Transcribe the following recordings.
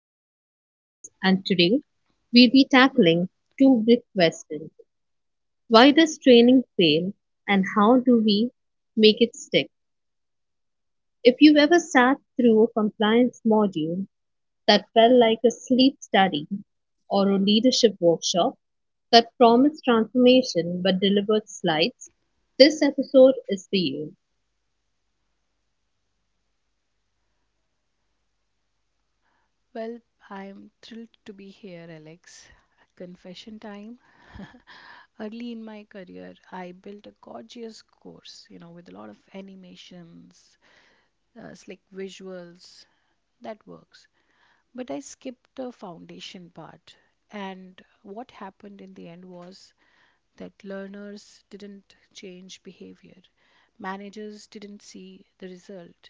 I am Alex, and today we'll be tackling two big questions. Why does training fail, and how do we make it stick? If you've ever sat through a compliance module that felt like a sleep study or a leadership workshop that promised transformation but delivered slides, this episode is for you. Well, I'm thrilled to be here, Alex. Confession time. Early in my career, I built a gorgeous course, you know, with a lot of animations, slick visuals. That works. But I skipped the foundation part. And what happened in the end was that learners didn't change behavior, managers didn't see the result,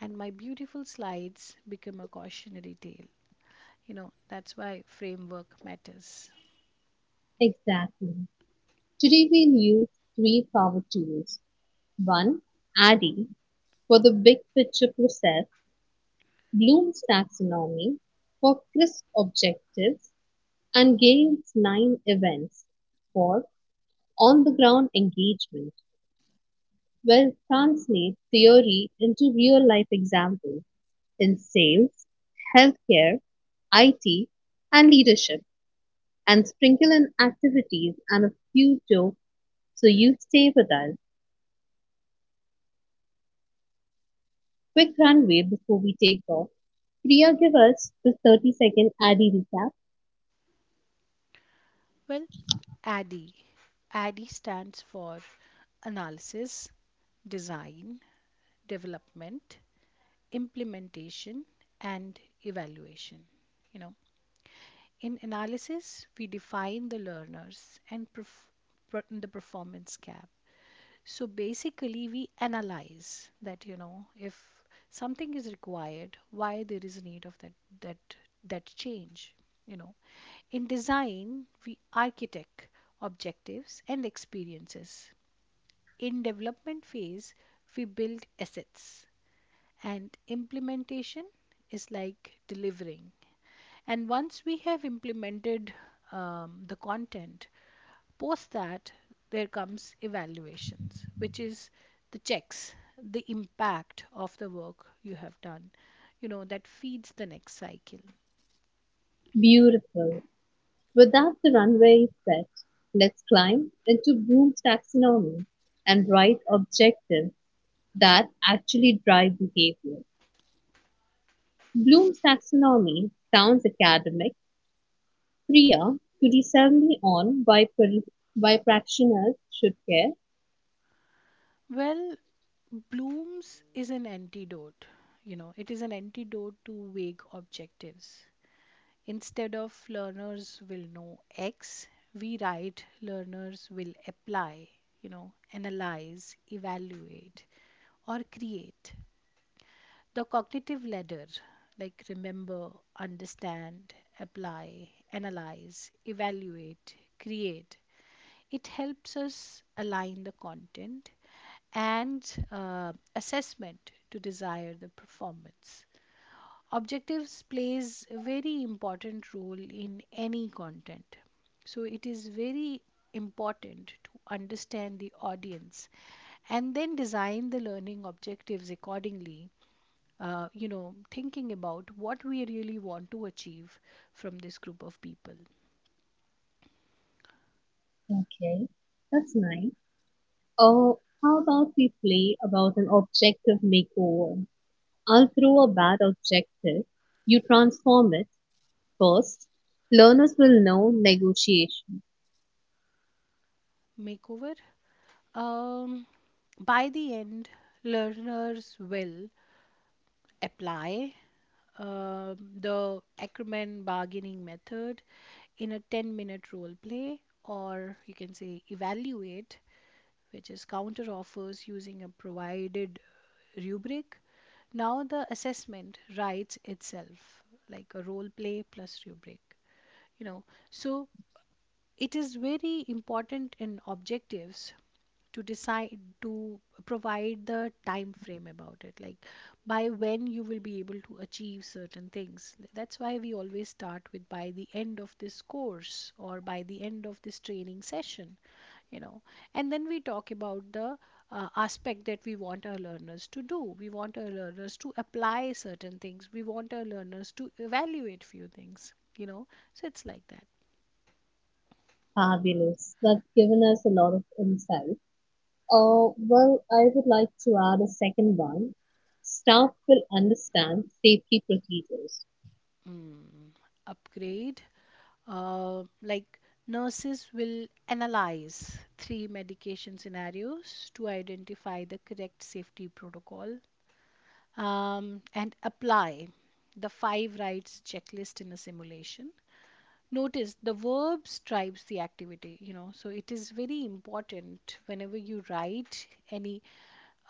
and my beautiful slides become a cautionary tale. You know, that's why framework matters. Exactly. Today we'll use three power tools. One, ADDIE for the big picture process, Bloom's taxonomy for crisp objectives, and Gale's nine events for on the ground engagement. Well, translate theory into real life examples in sales, healthcare, IT, and leadership, and sprinkle in activities and a few jokes so you stay with us. Quick runway before we take off. Priya, give us the 30-second Addy recap. Well, ADDIE, ADDIE stands for analysis, design, development, implementation, and evaluation. You know, in analysis we define the learners and the performance gap. So basically we analyze that, you know, if something is required, why there is a need of that that change, you know. In design, we architect objectives and experiences. In development phase, we build assets, and implementation is like delivering. And once we have implemented the content, post that there comes evaluations, which is the checks, the impact of the work you have done, you know, that feeds the next cycle. Beautiful. With that, the runway is set. Let's climb into Bloom's taxonomy and write objectives that actually drive behavior. Bloom's taxonomy sounds academic. Priya, could you sell me on why, why practitioners should care? Well, Bloom's is an antidote. You know, it is an antidote to vague objectives. Instead of learners will know X, we write learners will apply, you know, analyze, evaluate, or create. The cognitive ladder, like remember, understand, apply, analyze, evaluate, create, it helps us align the content and assessment to desire the performance. Objectives plays a very important role in any content. So it is very important to understand the audience and then design the learning objectives accordingly. You know, thinking about what we really want to achieve from this group of people. Okay, that's nice. Oh, how about we play about an objective makeover? All through a bad objective, you transform it. First, learners will know negotiation. Makeover. Um, by the end, learners will apply uh, the Ackerman bargaining method in a 10-minute minute role play, or you can say evaluate, which is counter offers using a provided rubric. Now the assessment writes itself, like a role play plus rubric, you know. So it is very important in objectives to decide to provide the time frame about it, like by when you will be able to achieve certain things. That's why we always start with by the end of this course or by the end of this training session, you know. And then we talk about the aspect that we want our learners to do. We want our learners to apply certain things, we want our learners to evaluate few things, you know, so it's like that. Fabulous. That's given us a lot of insight. Well, I would like to add a second one. Staff will understand safety procedures. Mm. Upgrade. Like, nurses will analyze three medication scenarios to identify the correct safety protocol, and apply the five rights checklist in a simulation. Notice the verb drives the activity, you know, so it is very important whenever you write any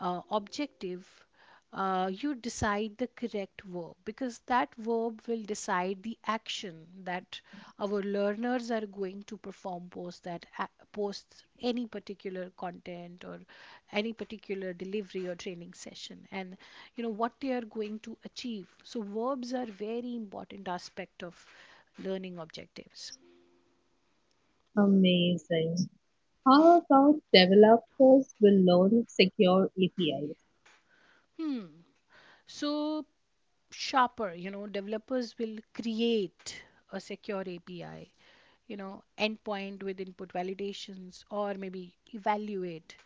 objective, you decide the correct verb, because that verb will decide the action that our learners are going to perform post that, post any particular content or any particular delivery or training session. And you know what they are going to achieve. So verbs are very important aspect of learning objectives. Amazing. How about developers will learn secure APIs? Hmm. So sharper, you know, developers will create a secure API, you know, endpoint with input validations, or maybe evaluate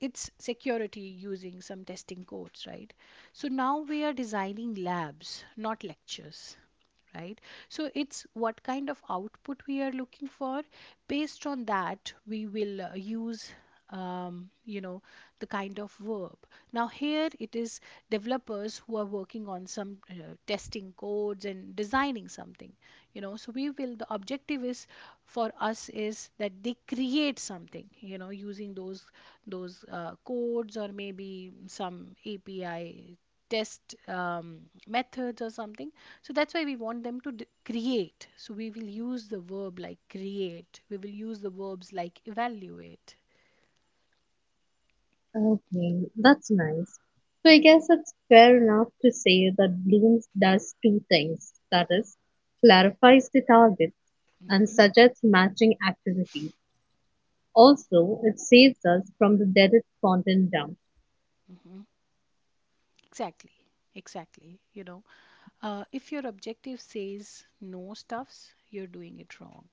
its security using some testing codes, right? So now we are designing labs, not lectures. Right, so it's what kind of output we are looking for. Based on that, we will use, you know, the kind of verb. Now here it is, developers who are working on some testing codes and designing something, you know. So we will, the objective is for us is that they create something, you know, using those codes or maybe some API test, methods or something. So that's why we want them to create. So we will use the verb like create. We will use the verbs like evaluate. Okay, that's nice. So I guess it's fair enough to say that Bloom's does two things. That is, clarifies the target and suggests matching activities. Also, it saves us from the dreaded content dump. Mhm. Exactly. Exactly. You know, if your objective says no stuffs, you're doing it wrong.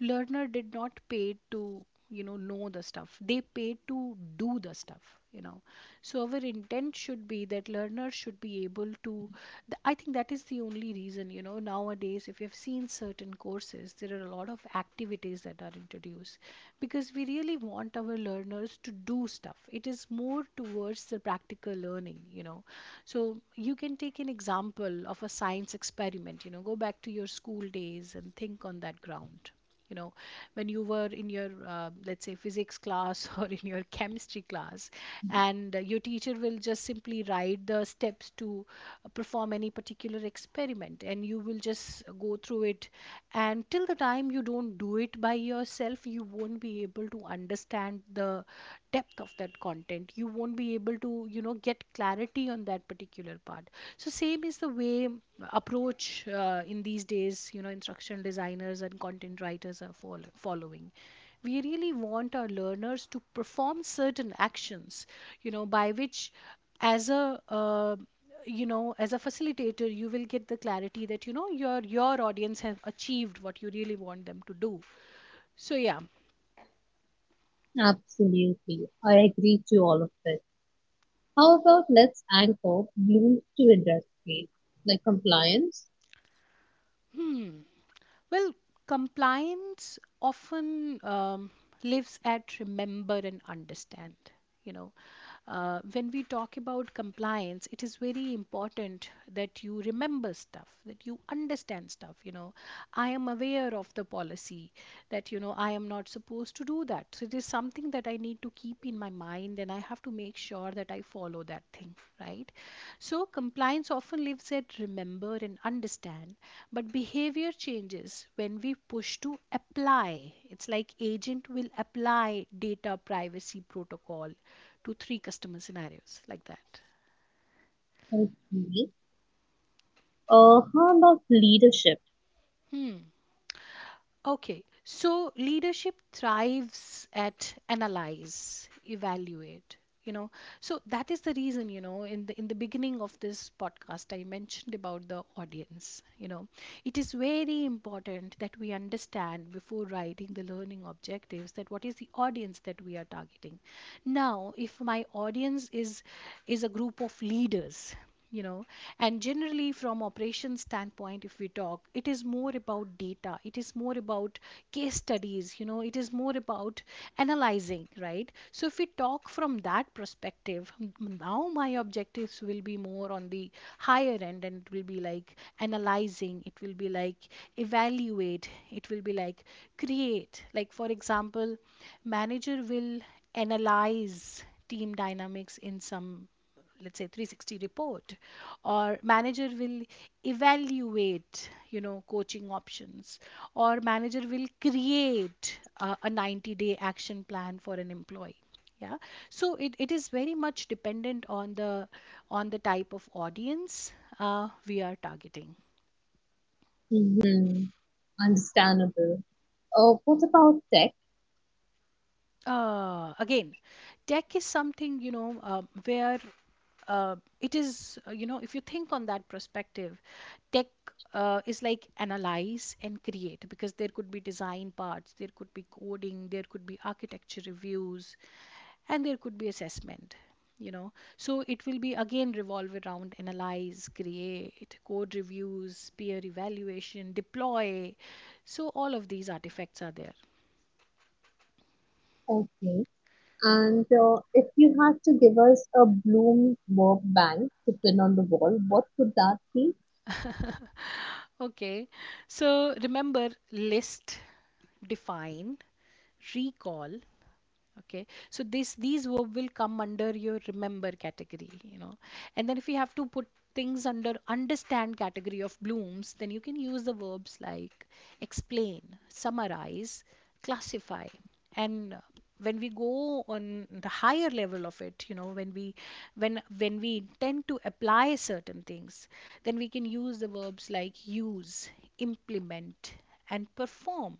Learner did not pay to, you know the stuff. They pay to do the stuff, you know. So our intent should be that learners should be able to I think that is the only reason. You know, nowadays if you have seen certain courses, there are a lot of activities that are introduced, because we really want our learners to do stuff. It is more towards the practical learning, you know. So you can take an example of a science experiment, you know. Go back to your school days and think on that ground, you know, when you were in your let's say physics class or in your chemistry class, and your teacher will just simply write the steps to perform any particular experiment, and you will just go through it. And till the time you don't do it by yourself, you won't be able to understand the depth of that content. You won't be able to, you know, get clarity on that particular part. So same is the way approach in these days, you know, instructional designers and content writers are following. We really want our learners to perform certain actions, you know, by which as a, uh, you know, as a facilitator, you will get the clarity that, you know, your audience have achieved what you really want them to do. So yeah. Absolutely. I agree to all of it. How about let's anchor Bloom to industry, like compliance? Hmm. Well, compliance often lives at remember and understand. You know, when we talk about compliance, it is very important that you remember stuff, that you understand stuff. You know, I am aware of the policy that, you know, I am not supposed to do that. So it is something that I need to keep in my mind and I have to make sure that I follow that thing, right? So, compliance often lives at remember and understand, but behavior changes when we push to apply. It's like agent will apply data privacy protocol to three customer scenarios, like that. Okay. How about leadership? Hmm. Okay, so leadership thrives at analyze, evaluate, you know. So that is the reason, you know, in the beginning of this podcast I mentioned about the audience, you know. It is very important that we understand before writing the learning objectives that what is the audience that we are targeting. Now, if my audience is a group of leaders, you know, and generally from operations standpoint if we talk, it is more about data, it is more about case studies, you know, it is more about analyzing, right? So if we talk from that perspective, now my objectives will be more on the higher end, and it will be like analyzing, it will be like evaluate, it will be like create. Like for example, manager will analyze team dynamics in some, let's say, 360 report, or manager will evaluate, you know, coaching options, or manager will create a 90-day day action plan for an employee. Yeah. So it is very much dependent on the type of audience we are targeting. Mm-hmm. Understandable. What about tech? Again, tech is something, you know, where it is, you know, if you think on that perspective, tech is like analyze and create, because there could be design parts, there could be coding, there could be architecture reviews, and there could be assessment. You know, so it will be again revolve around analyze, create, code reviews, peer evaluation, deploy. So all of these artifacts are there. Okay. And if you had to give us a Bloom Bob bang to pin on the wall, what would that be? Okay. So remember, list, define, recall. Okay, so this these verb will come under your remember category, you know. And then if you have to put things under understand category of blooms, then you can use the verbs like explain, summarize, classify. And when we go on the higher level of it, you know, when we intend to apply certain things, then we can use the verbs like use, implement, and perform.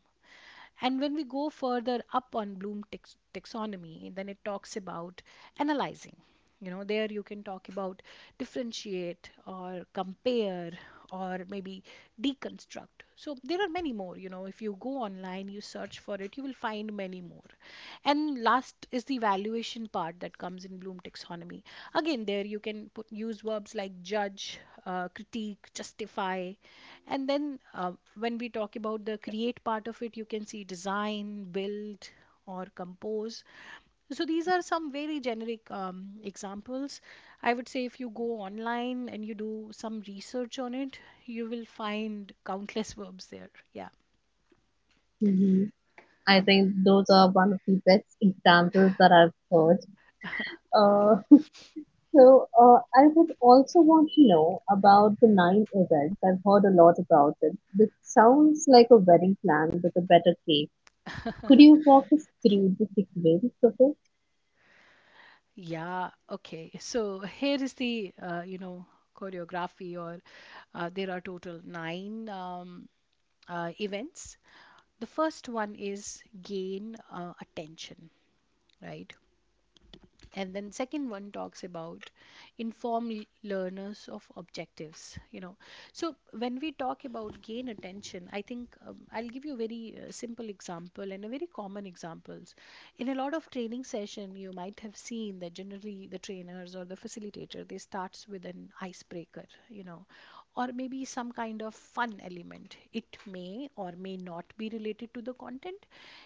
And when we go further up on Bloom taxonomy, then it talks about analyzing. You know, there you can talk about differentiate or compare, or maybe deconstruct. So there are many more. You know, if you go online, you search for it, you will find many more. And last is the valuation part that comes in Bloom taxonomy. Again, there you can put, use verbs like judge, critique, justify, and then when we talk about the create part of it, you can see design, build, or compose. So these are some very generic examples. I would say if you go online and you do some research on it, you will find countless verbs there. Yeah. Hmm. I think those are one of the best examples that I've heard. Uh, so I would also want to know about the nine events. I've heard a lot about it. This sounds like a wedding plan with a better cake. Could you walk us through the sequence of it? Yeah. Okay. So here is the, you know, choreography, or there are total nine events. The first one is gain attention, right? And then second one talks about inform learners of objectives, you know. So when we talk about gain attention, I think I'll give you a very simple example and a very common examples. In a lot of training session, you might have seen that generally the trainers or the facilitator, they starts with an icebreaker, you know, or maybe some kind of fun element. It may or may not be related to the content.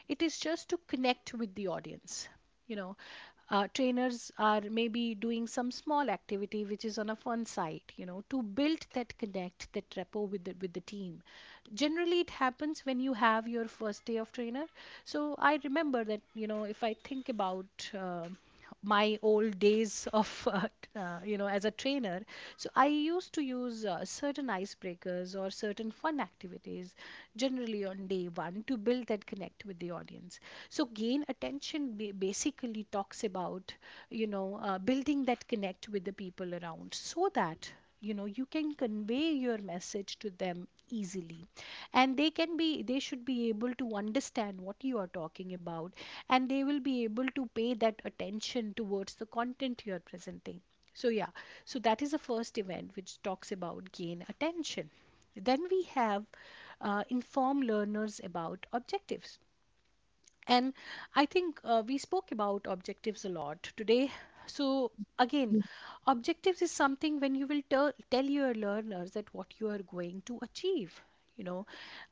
It is just to connect with the audience, you know. Trainers are maybe doing some small activity which is on a fun side, you know, to build that connect, that rapport with the team. Generally it happens when you have your first day of trainer. So I remember that, you know, if I think about my old days of you know, as a trainer, so I used to use certain icebreakers or certain fun activities generally on day 1 to build that connect with the audience. So gain attention basically talks about, you know, building that connect with the people around so that, you know, you can convey your message to them easily, and they should be able to understand what you are talking about, and they will be able to pay that attention towards the content you are presenting. So yeah, so that is the first event which talks about gain attention. Then we have inform learners about objectives. And I think we spoke about objectives a lot today. So, again, objectives is something when you will tell your learners that what you are going to achieve. You know,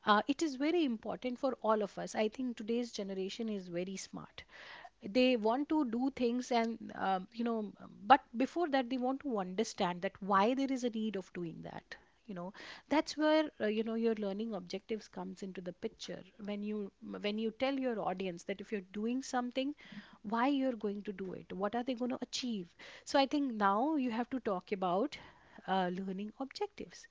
it is very important for all of us. I think today's generation is very smart. They want to do things, and but before that, they want to understand that why there is a need of doing that, you know. That's where your learning objectives comes into the picture, when you tell your audience that if you're doing something, why you're going to do it, what are they going to achieve. So I think now you have to talk about learning objectives.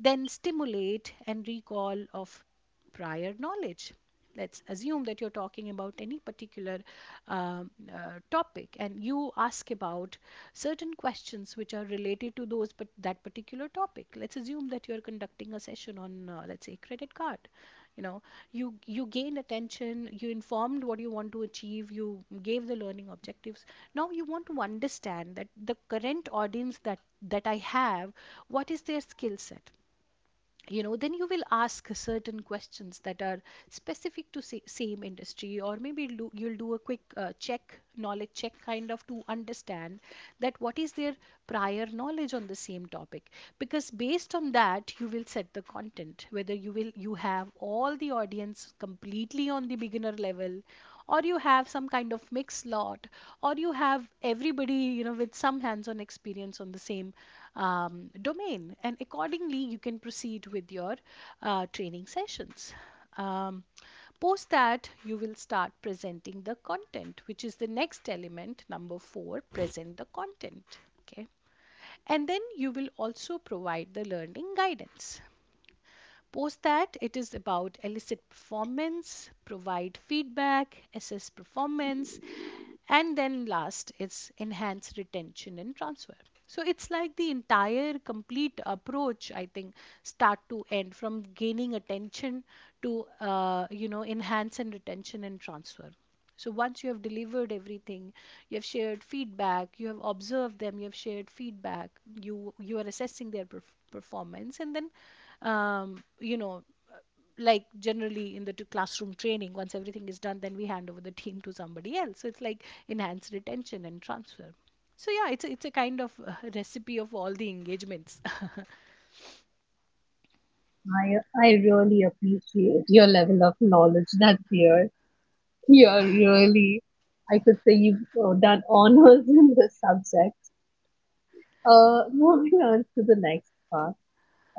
Then stimulate and recall of prior knowledge. Let's assume that you're talking about any particular topic and you ask about certain questions which are related to those but that particular topic. Let's assume that you're conducting a session on let's say credit card. You know, you gain attention, you informed what you want to achieve, you gave the learning objectives. Now you want to understand that the current audience that I have, what is their skill set. You know, then you will ask certain questions that are specific to same industry, or maybe you'll do a quick check, knowledge check kind of, to understand that what is their prior knowledge on the same topic. Because based on that, you will set the content, whether you will you have all the audience completely on the beginner level, or you have some kind of mixed lot, or you have everybody, you know, with some hands-on experience on the same domain, and accordingly you can proceed with your training sessions. um, Post that, you will start presenting the content, which is the next element number four, present the content, okay. And then you will also provide the learning guidance. Post that, it is about elicit performance, provide feedback, assess performance, and then last, it's enhance retention and transfer. So it's like the entire complete approach, I think, start to end, from gaining attention to, enhance and retention and transfer. So once you have delivered everything, you have shared feedback, you have observed them, you have shared feedback, you are assessing their performance, and then, um, you know like generally in the classroom training, once everything is done, then we hand over the team to somebody else. So it's like enhanced retention and transfer. So yeah, it's a kind of recipe of all the engagements. I I really appreciate your level of knowledge that's here. Yeah, really. I could say you've done honors in the subject. Moving on to the next part.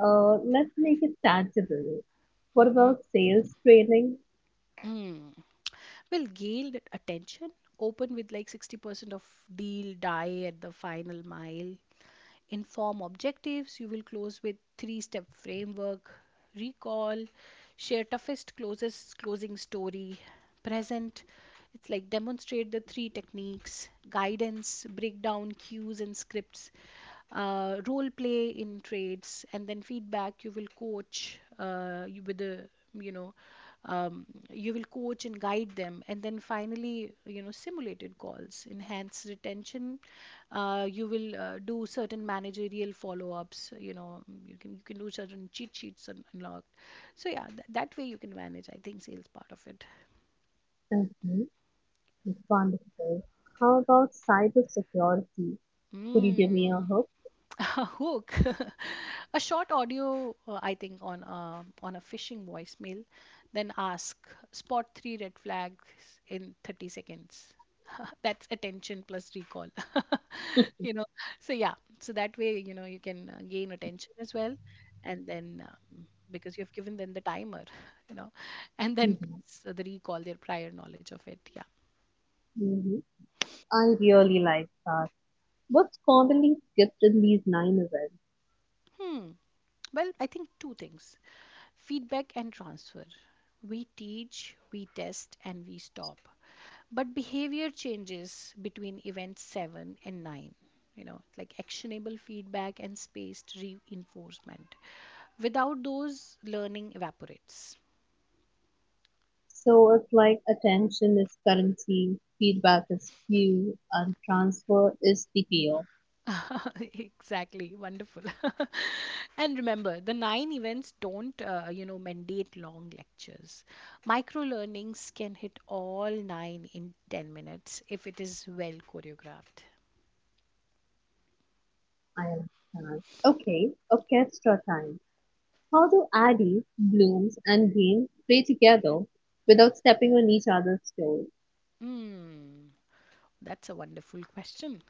Let's make it tangible. What Mhm. about sales training? Mm. Well, gained attention, open with like 60% of deal die at the final mile. Inform objectives, you will close with three step framework. Recall, share toughest closest closing story. Present, it's like demonstrate the three techniques. Guidance, breakdown cues and scripts, role play in trades. And then feedback, you will coach you with the you know um, you will coach and guide them. And then finally, you know, simulated calls. Enhance retention, you will do certain managerial follow-ups. You know, you can do certain cheat sheets unlocked. So yeah, that way you can manage, I think, sales part of it. Mm-hmm. Wonderful. How about cybersecurity? Could you give me a Mm. hook? A hook, a short audio, I think, on on a phishing voicemail, then ask, spot three red flags in 30 seconds. That's attention plus recall. you know, so yeah, so that way, you know, you can gain attention as well. And then, because you've given them the timer, you know, and then Mm-hmm. plus the recall, their prior knowledge of it. Yeah. Mm-hmm. I really like that. What's commonly skipped in these nine events? Hmm. Well, I think two things. Feedback and transfer. We teach, we test, and we stop. But behavior changes between events seven and nine, you know, like actionable feedback and spaced reinforcement. Without those, learning evaporates. So it's like attention is currency, feedback is cue, and transfer is TPO. Exactly, wonderful. And remember, the nine events don't, mandate long lectures. Micro learnings can hit all nine in 10 minutes if it is well choreographed. I understand. Okay, orchestra time. How do Addie, Blooms, and Green play together without stepping on each other's toes? Mm, that's a wonderful question.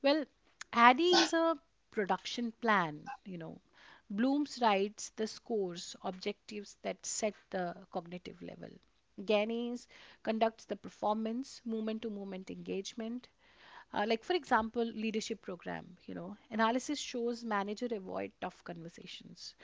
Well, Addy is a production plan, you know. Blooms writes the scores, objectives that set the cognitive level. Gaines conducts the performance, movement to movement engagement. Like for example, leadership program, you know, analysis shows manager avoid tough conversations.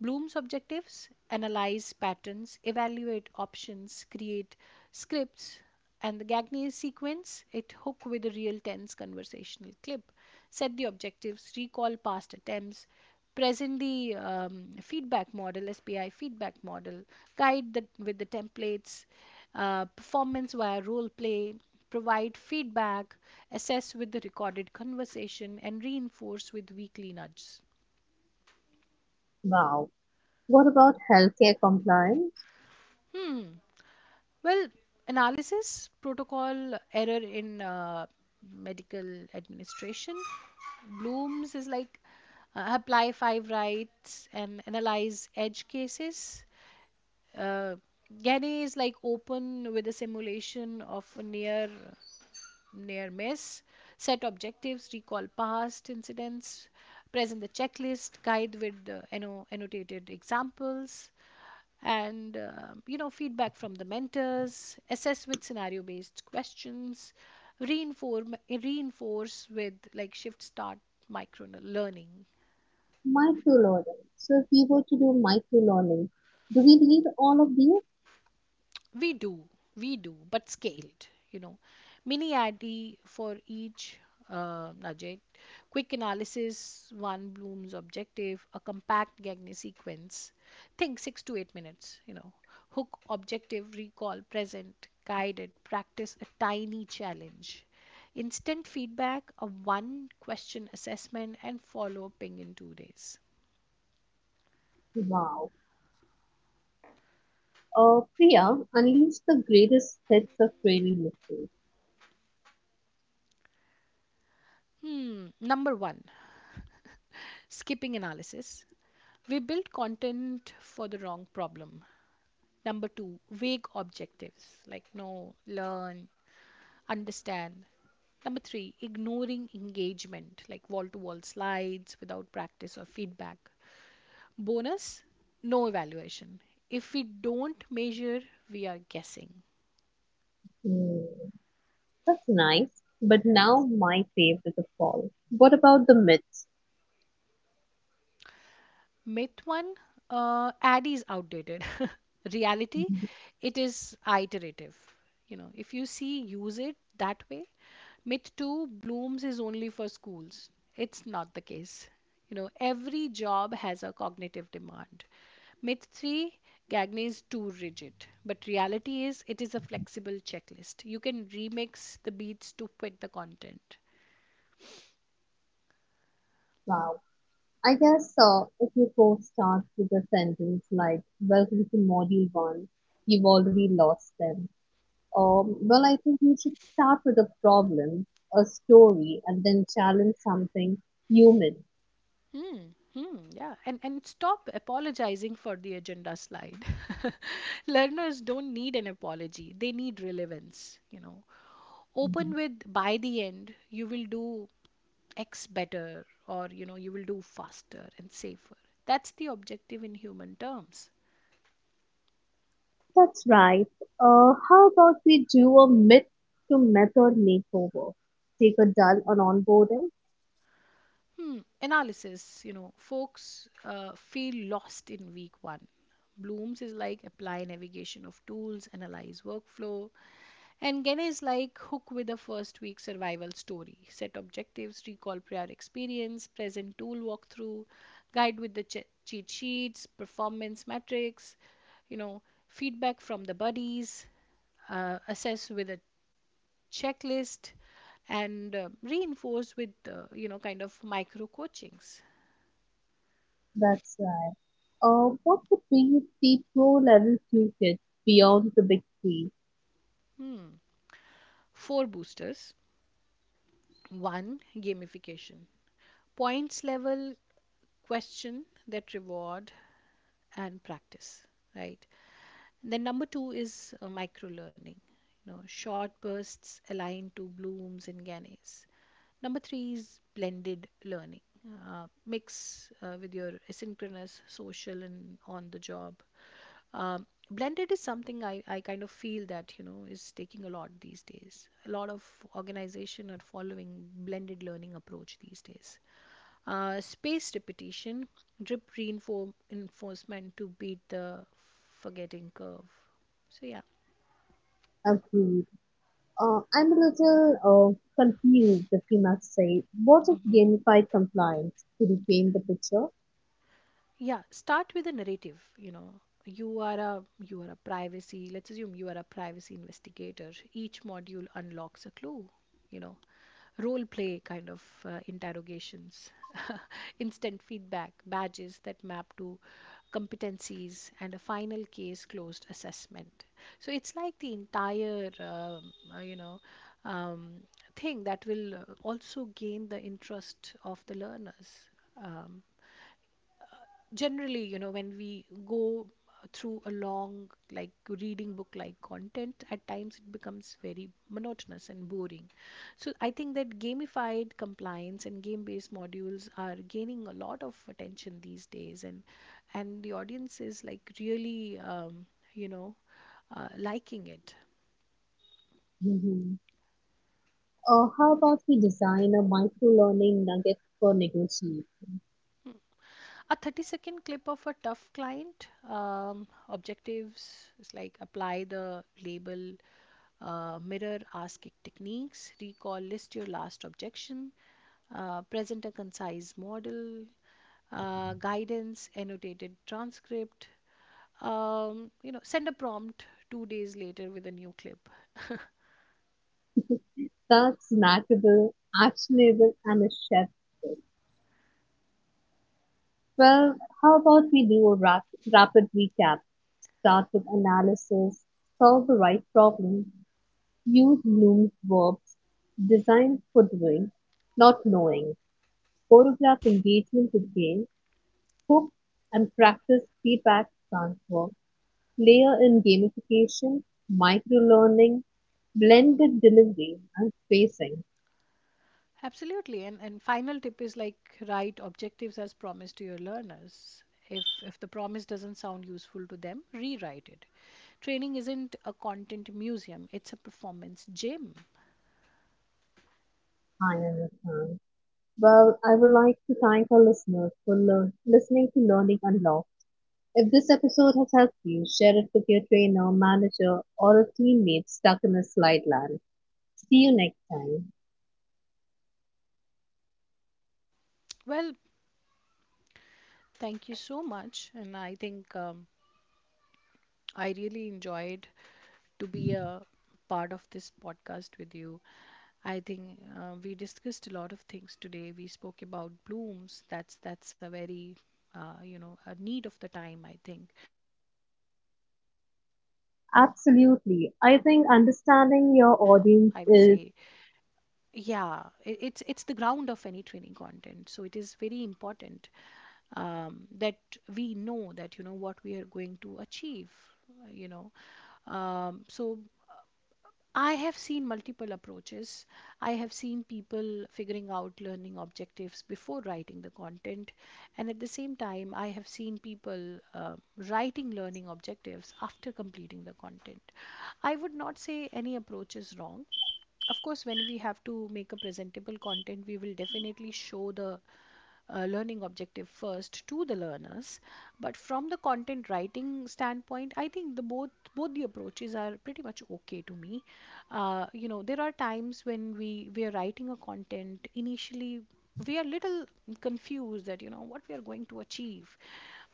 Bloom's objectives, analyze patterns, evaluate options, create scripts, and the Gagné sequence, it hook with a real tense conversational clip, set the objectives, recall past attempts, present the feedback model, SPI feedback model, guide the, with the templates, performance via role play, provide feedback, assess with the recorded conversation, and reinforce with weekly nudges. Wow. What about healthcare compliance? Hmm. Well, analysis, protocol, error in medical administration. Bloom's is like apply five rights and analyze edge cases. Uh, Gane is like open with a simulation of a near miss, set objectives, recall past incidents, present the checklist, guide with annotated examples, and feedback from the mentors, assess with scenario based questions, reinforce with like shift start micro learning. Microloading. So if we were to do microloading, do we need all of these? We do, we do, but scaled, you know. Mini addy for each nugget, quick analysis, one Bloom's objective, a compact Gagne sequence. Think 6 to 8 minutes, you know. Hook, objective, recall, present, guided, practice a tiny challenge. Instant feedback, a one question assessment, and follow ping in 2 days. Wow. Priya, unleash the greatest sets of training mysteries. Hmm, number one, skipping analysis. We build content for the wrong problem. Number two, vague objectives like know, learn, understand. Number three, ignoring engagement like wall to wall slides without practice or feedback. Bonus, no evaluation. If we don't measure, we are guessing. Hmm, that's nice. But now my favorite of all. What about the myths? Myth one, ad is outdated. Reality, it is iterative. You know, if you see, use it that way. Myth two, blooms is only for schools. It's not the case. You know, every job has a cognitive demand. Myth three, Gagne is too rigid. But reality is, it is a flexible checklist. You can remix the beats to fit the content. Wow. I guess if your course starts with a sentence like, "Welcome to Module 1," you've already lost them. Well, I think you should start with a problem, a story, and then challenge something human. Hmm, hmm, yeah, and stop apologizing for the agenda slide. Learners don't need an apology; they need relevance. You know, open with by the end you will do X better, or you know you will do faster and safer. That's the objective in human terms. That's right. How about we do a myth to method makeover? Take a dull on onboarding? Hmm, analysis. You know, folks feel lost in week one. Blooms is like apply navigation of tools, analyze workflow. And Gen is like hook with a first week survival story, set objectives, recall prior experience, present tool walkthrough, guide with the cheat sheets, performance metrics, you know, feedback from the buddies, assess with a checklist, and reinforce with, kind of micro coachings. That's right. What would be the pro level toolkit beyond the big three? Hmm. Four boosters. One, gamification. Points level question that reward and practice, right? Then number two is micro learning, you know, short bursts aligned to blooms and gannes. Number three is blended learning, mix with your asynchronous, social, and on the job. Um, Blended is something I kind of feel that, you know, is taking a lot these days. A lot of organization are following blended learning approach these days. Spaced repetition, drip reinforcement to beat the forgetting curve. So, yeah. Agree. I'm a little confused, if you must say. What if Mm-hmm. gamified compliance to reframe the picture? Yeah, start with a narrative. You know, you are a privacy. Let's assume you are a privacy investigator. Each module unlocks a clue. You know, role play kind of interrogations, instant feedback, badges that map to competencies, and a final case closed assessment. So it's like the entire uh, you know um, thing that will also gain the interest of the learners. Um, Generally, you know, when we go through a long, like, reading book like content at times, it becomes very monotonous and boring. So I think that gamified compliance and game based modules are gaining a lot of attention these days, and the audience is like really you know liking it. Hmm. How about we design a micro learning nugget for negotiation A 30-second clip of a tough client. Objectives is like apply the label, mirror ask techniques. Recall, list your last objection. Present a concise model. Guidance, annotated transcript. You know, send a prompt 2 days later with a new clip. that's snackable, actionable, and a chef skill? Well, how about we do a rapid recap? Start with analysis, solve the right problem, use Bloom's verbs, design footwear, not knowing, photograph engagement with game, hook and practice feedback transfer, layer in gamification, microlearning, blended delivery, and spacing. Absolutely. And final tip is like write objectives as promised to your learners. If the promise doesn't sound useful to them, rewrite it. Training isn't a content museum, it's a performance gym. I understand. Well, I would like to thank our listeners for listening to Learning Unlocked. If this episode has helped you, share it with your trainer, manager, or a teammate stuck in a slide land. See you next time. Well, thank you so much. And I think I really enjoyed to be a part of this podcast with you. I think we discussed a lot of things today. We spoke about blooms. That's a very a need of the time. I think because you know, objectives are like Absolutely. I main. think I would understanding your say audience is, yeah, it's the ground of any training content. So it is very important that we know that, you know, what we are going to achieve. You know, so I have seen multiple approaches. I have seen people figuring out learning objectives before writing the content, and at the same time, I have seen people writing learning objectives after completing the content. I would not say any approach is wrong. Of course, when we have to make a presentable content, we will definitely show the learning objective first to the learners. But from the content writing standpoint, I think the both both the approaches are pretty much okay to me. You know, there are times when we are writing a content. Initially we are little confused that, you know, what we are going to achieve,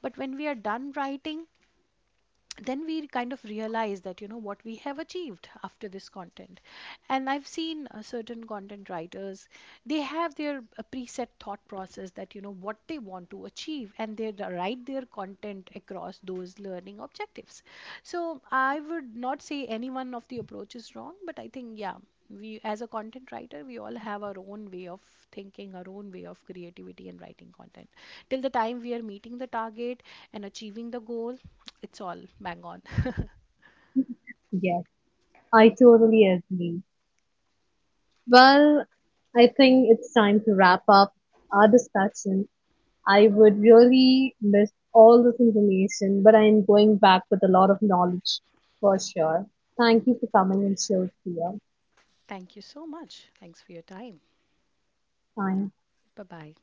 but when we are done writing, then we kind of realize that, you know, what we have achieved after this content. And I've seen certain content writers, they have their preset thought process that, you know, what they want to achieve, and they write their content across those learning objectives. So I would not say any one of the approach is wrong, but I think yeah, we as a content writer, we all have our own way of thinking, our own way of creativity and writing content. Till the time we are meeting the target and achieving the goal, it's all bang on. yes, I totally agree. Well, I think it's time to wrap up our discussion. I would really miss all this information, but I am going back with a lot of knowledge for sure. Thank you for coming and sharing your Thank you so much. Thanks for your time. time. Bye bye.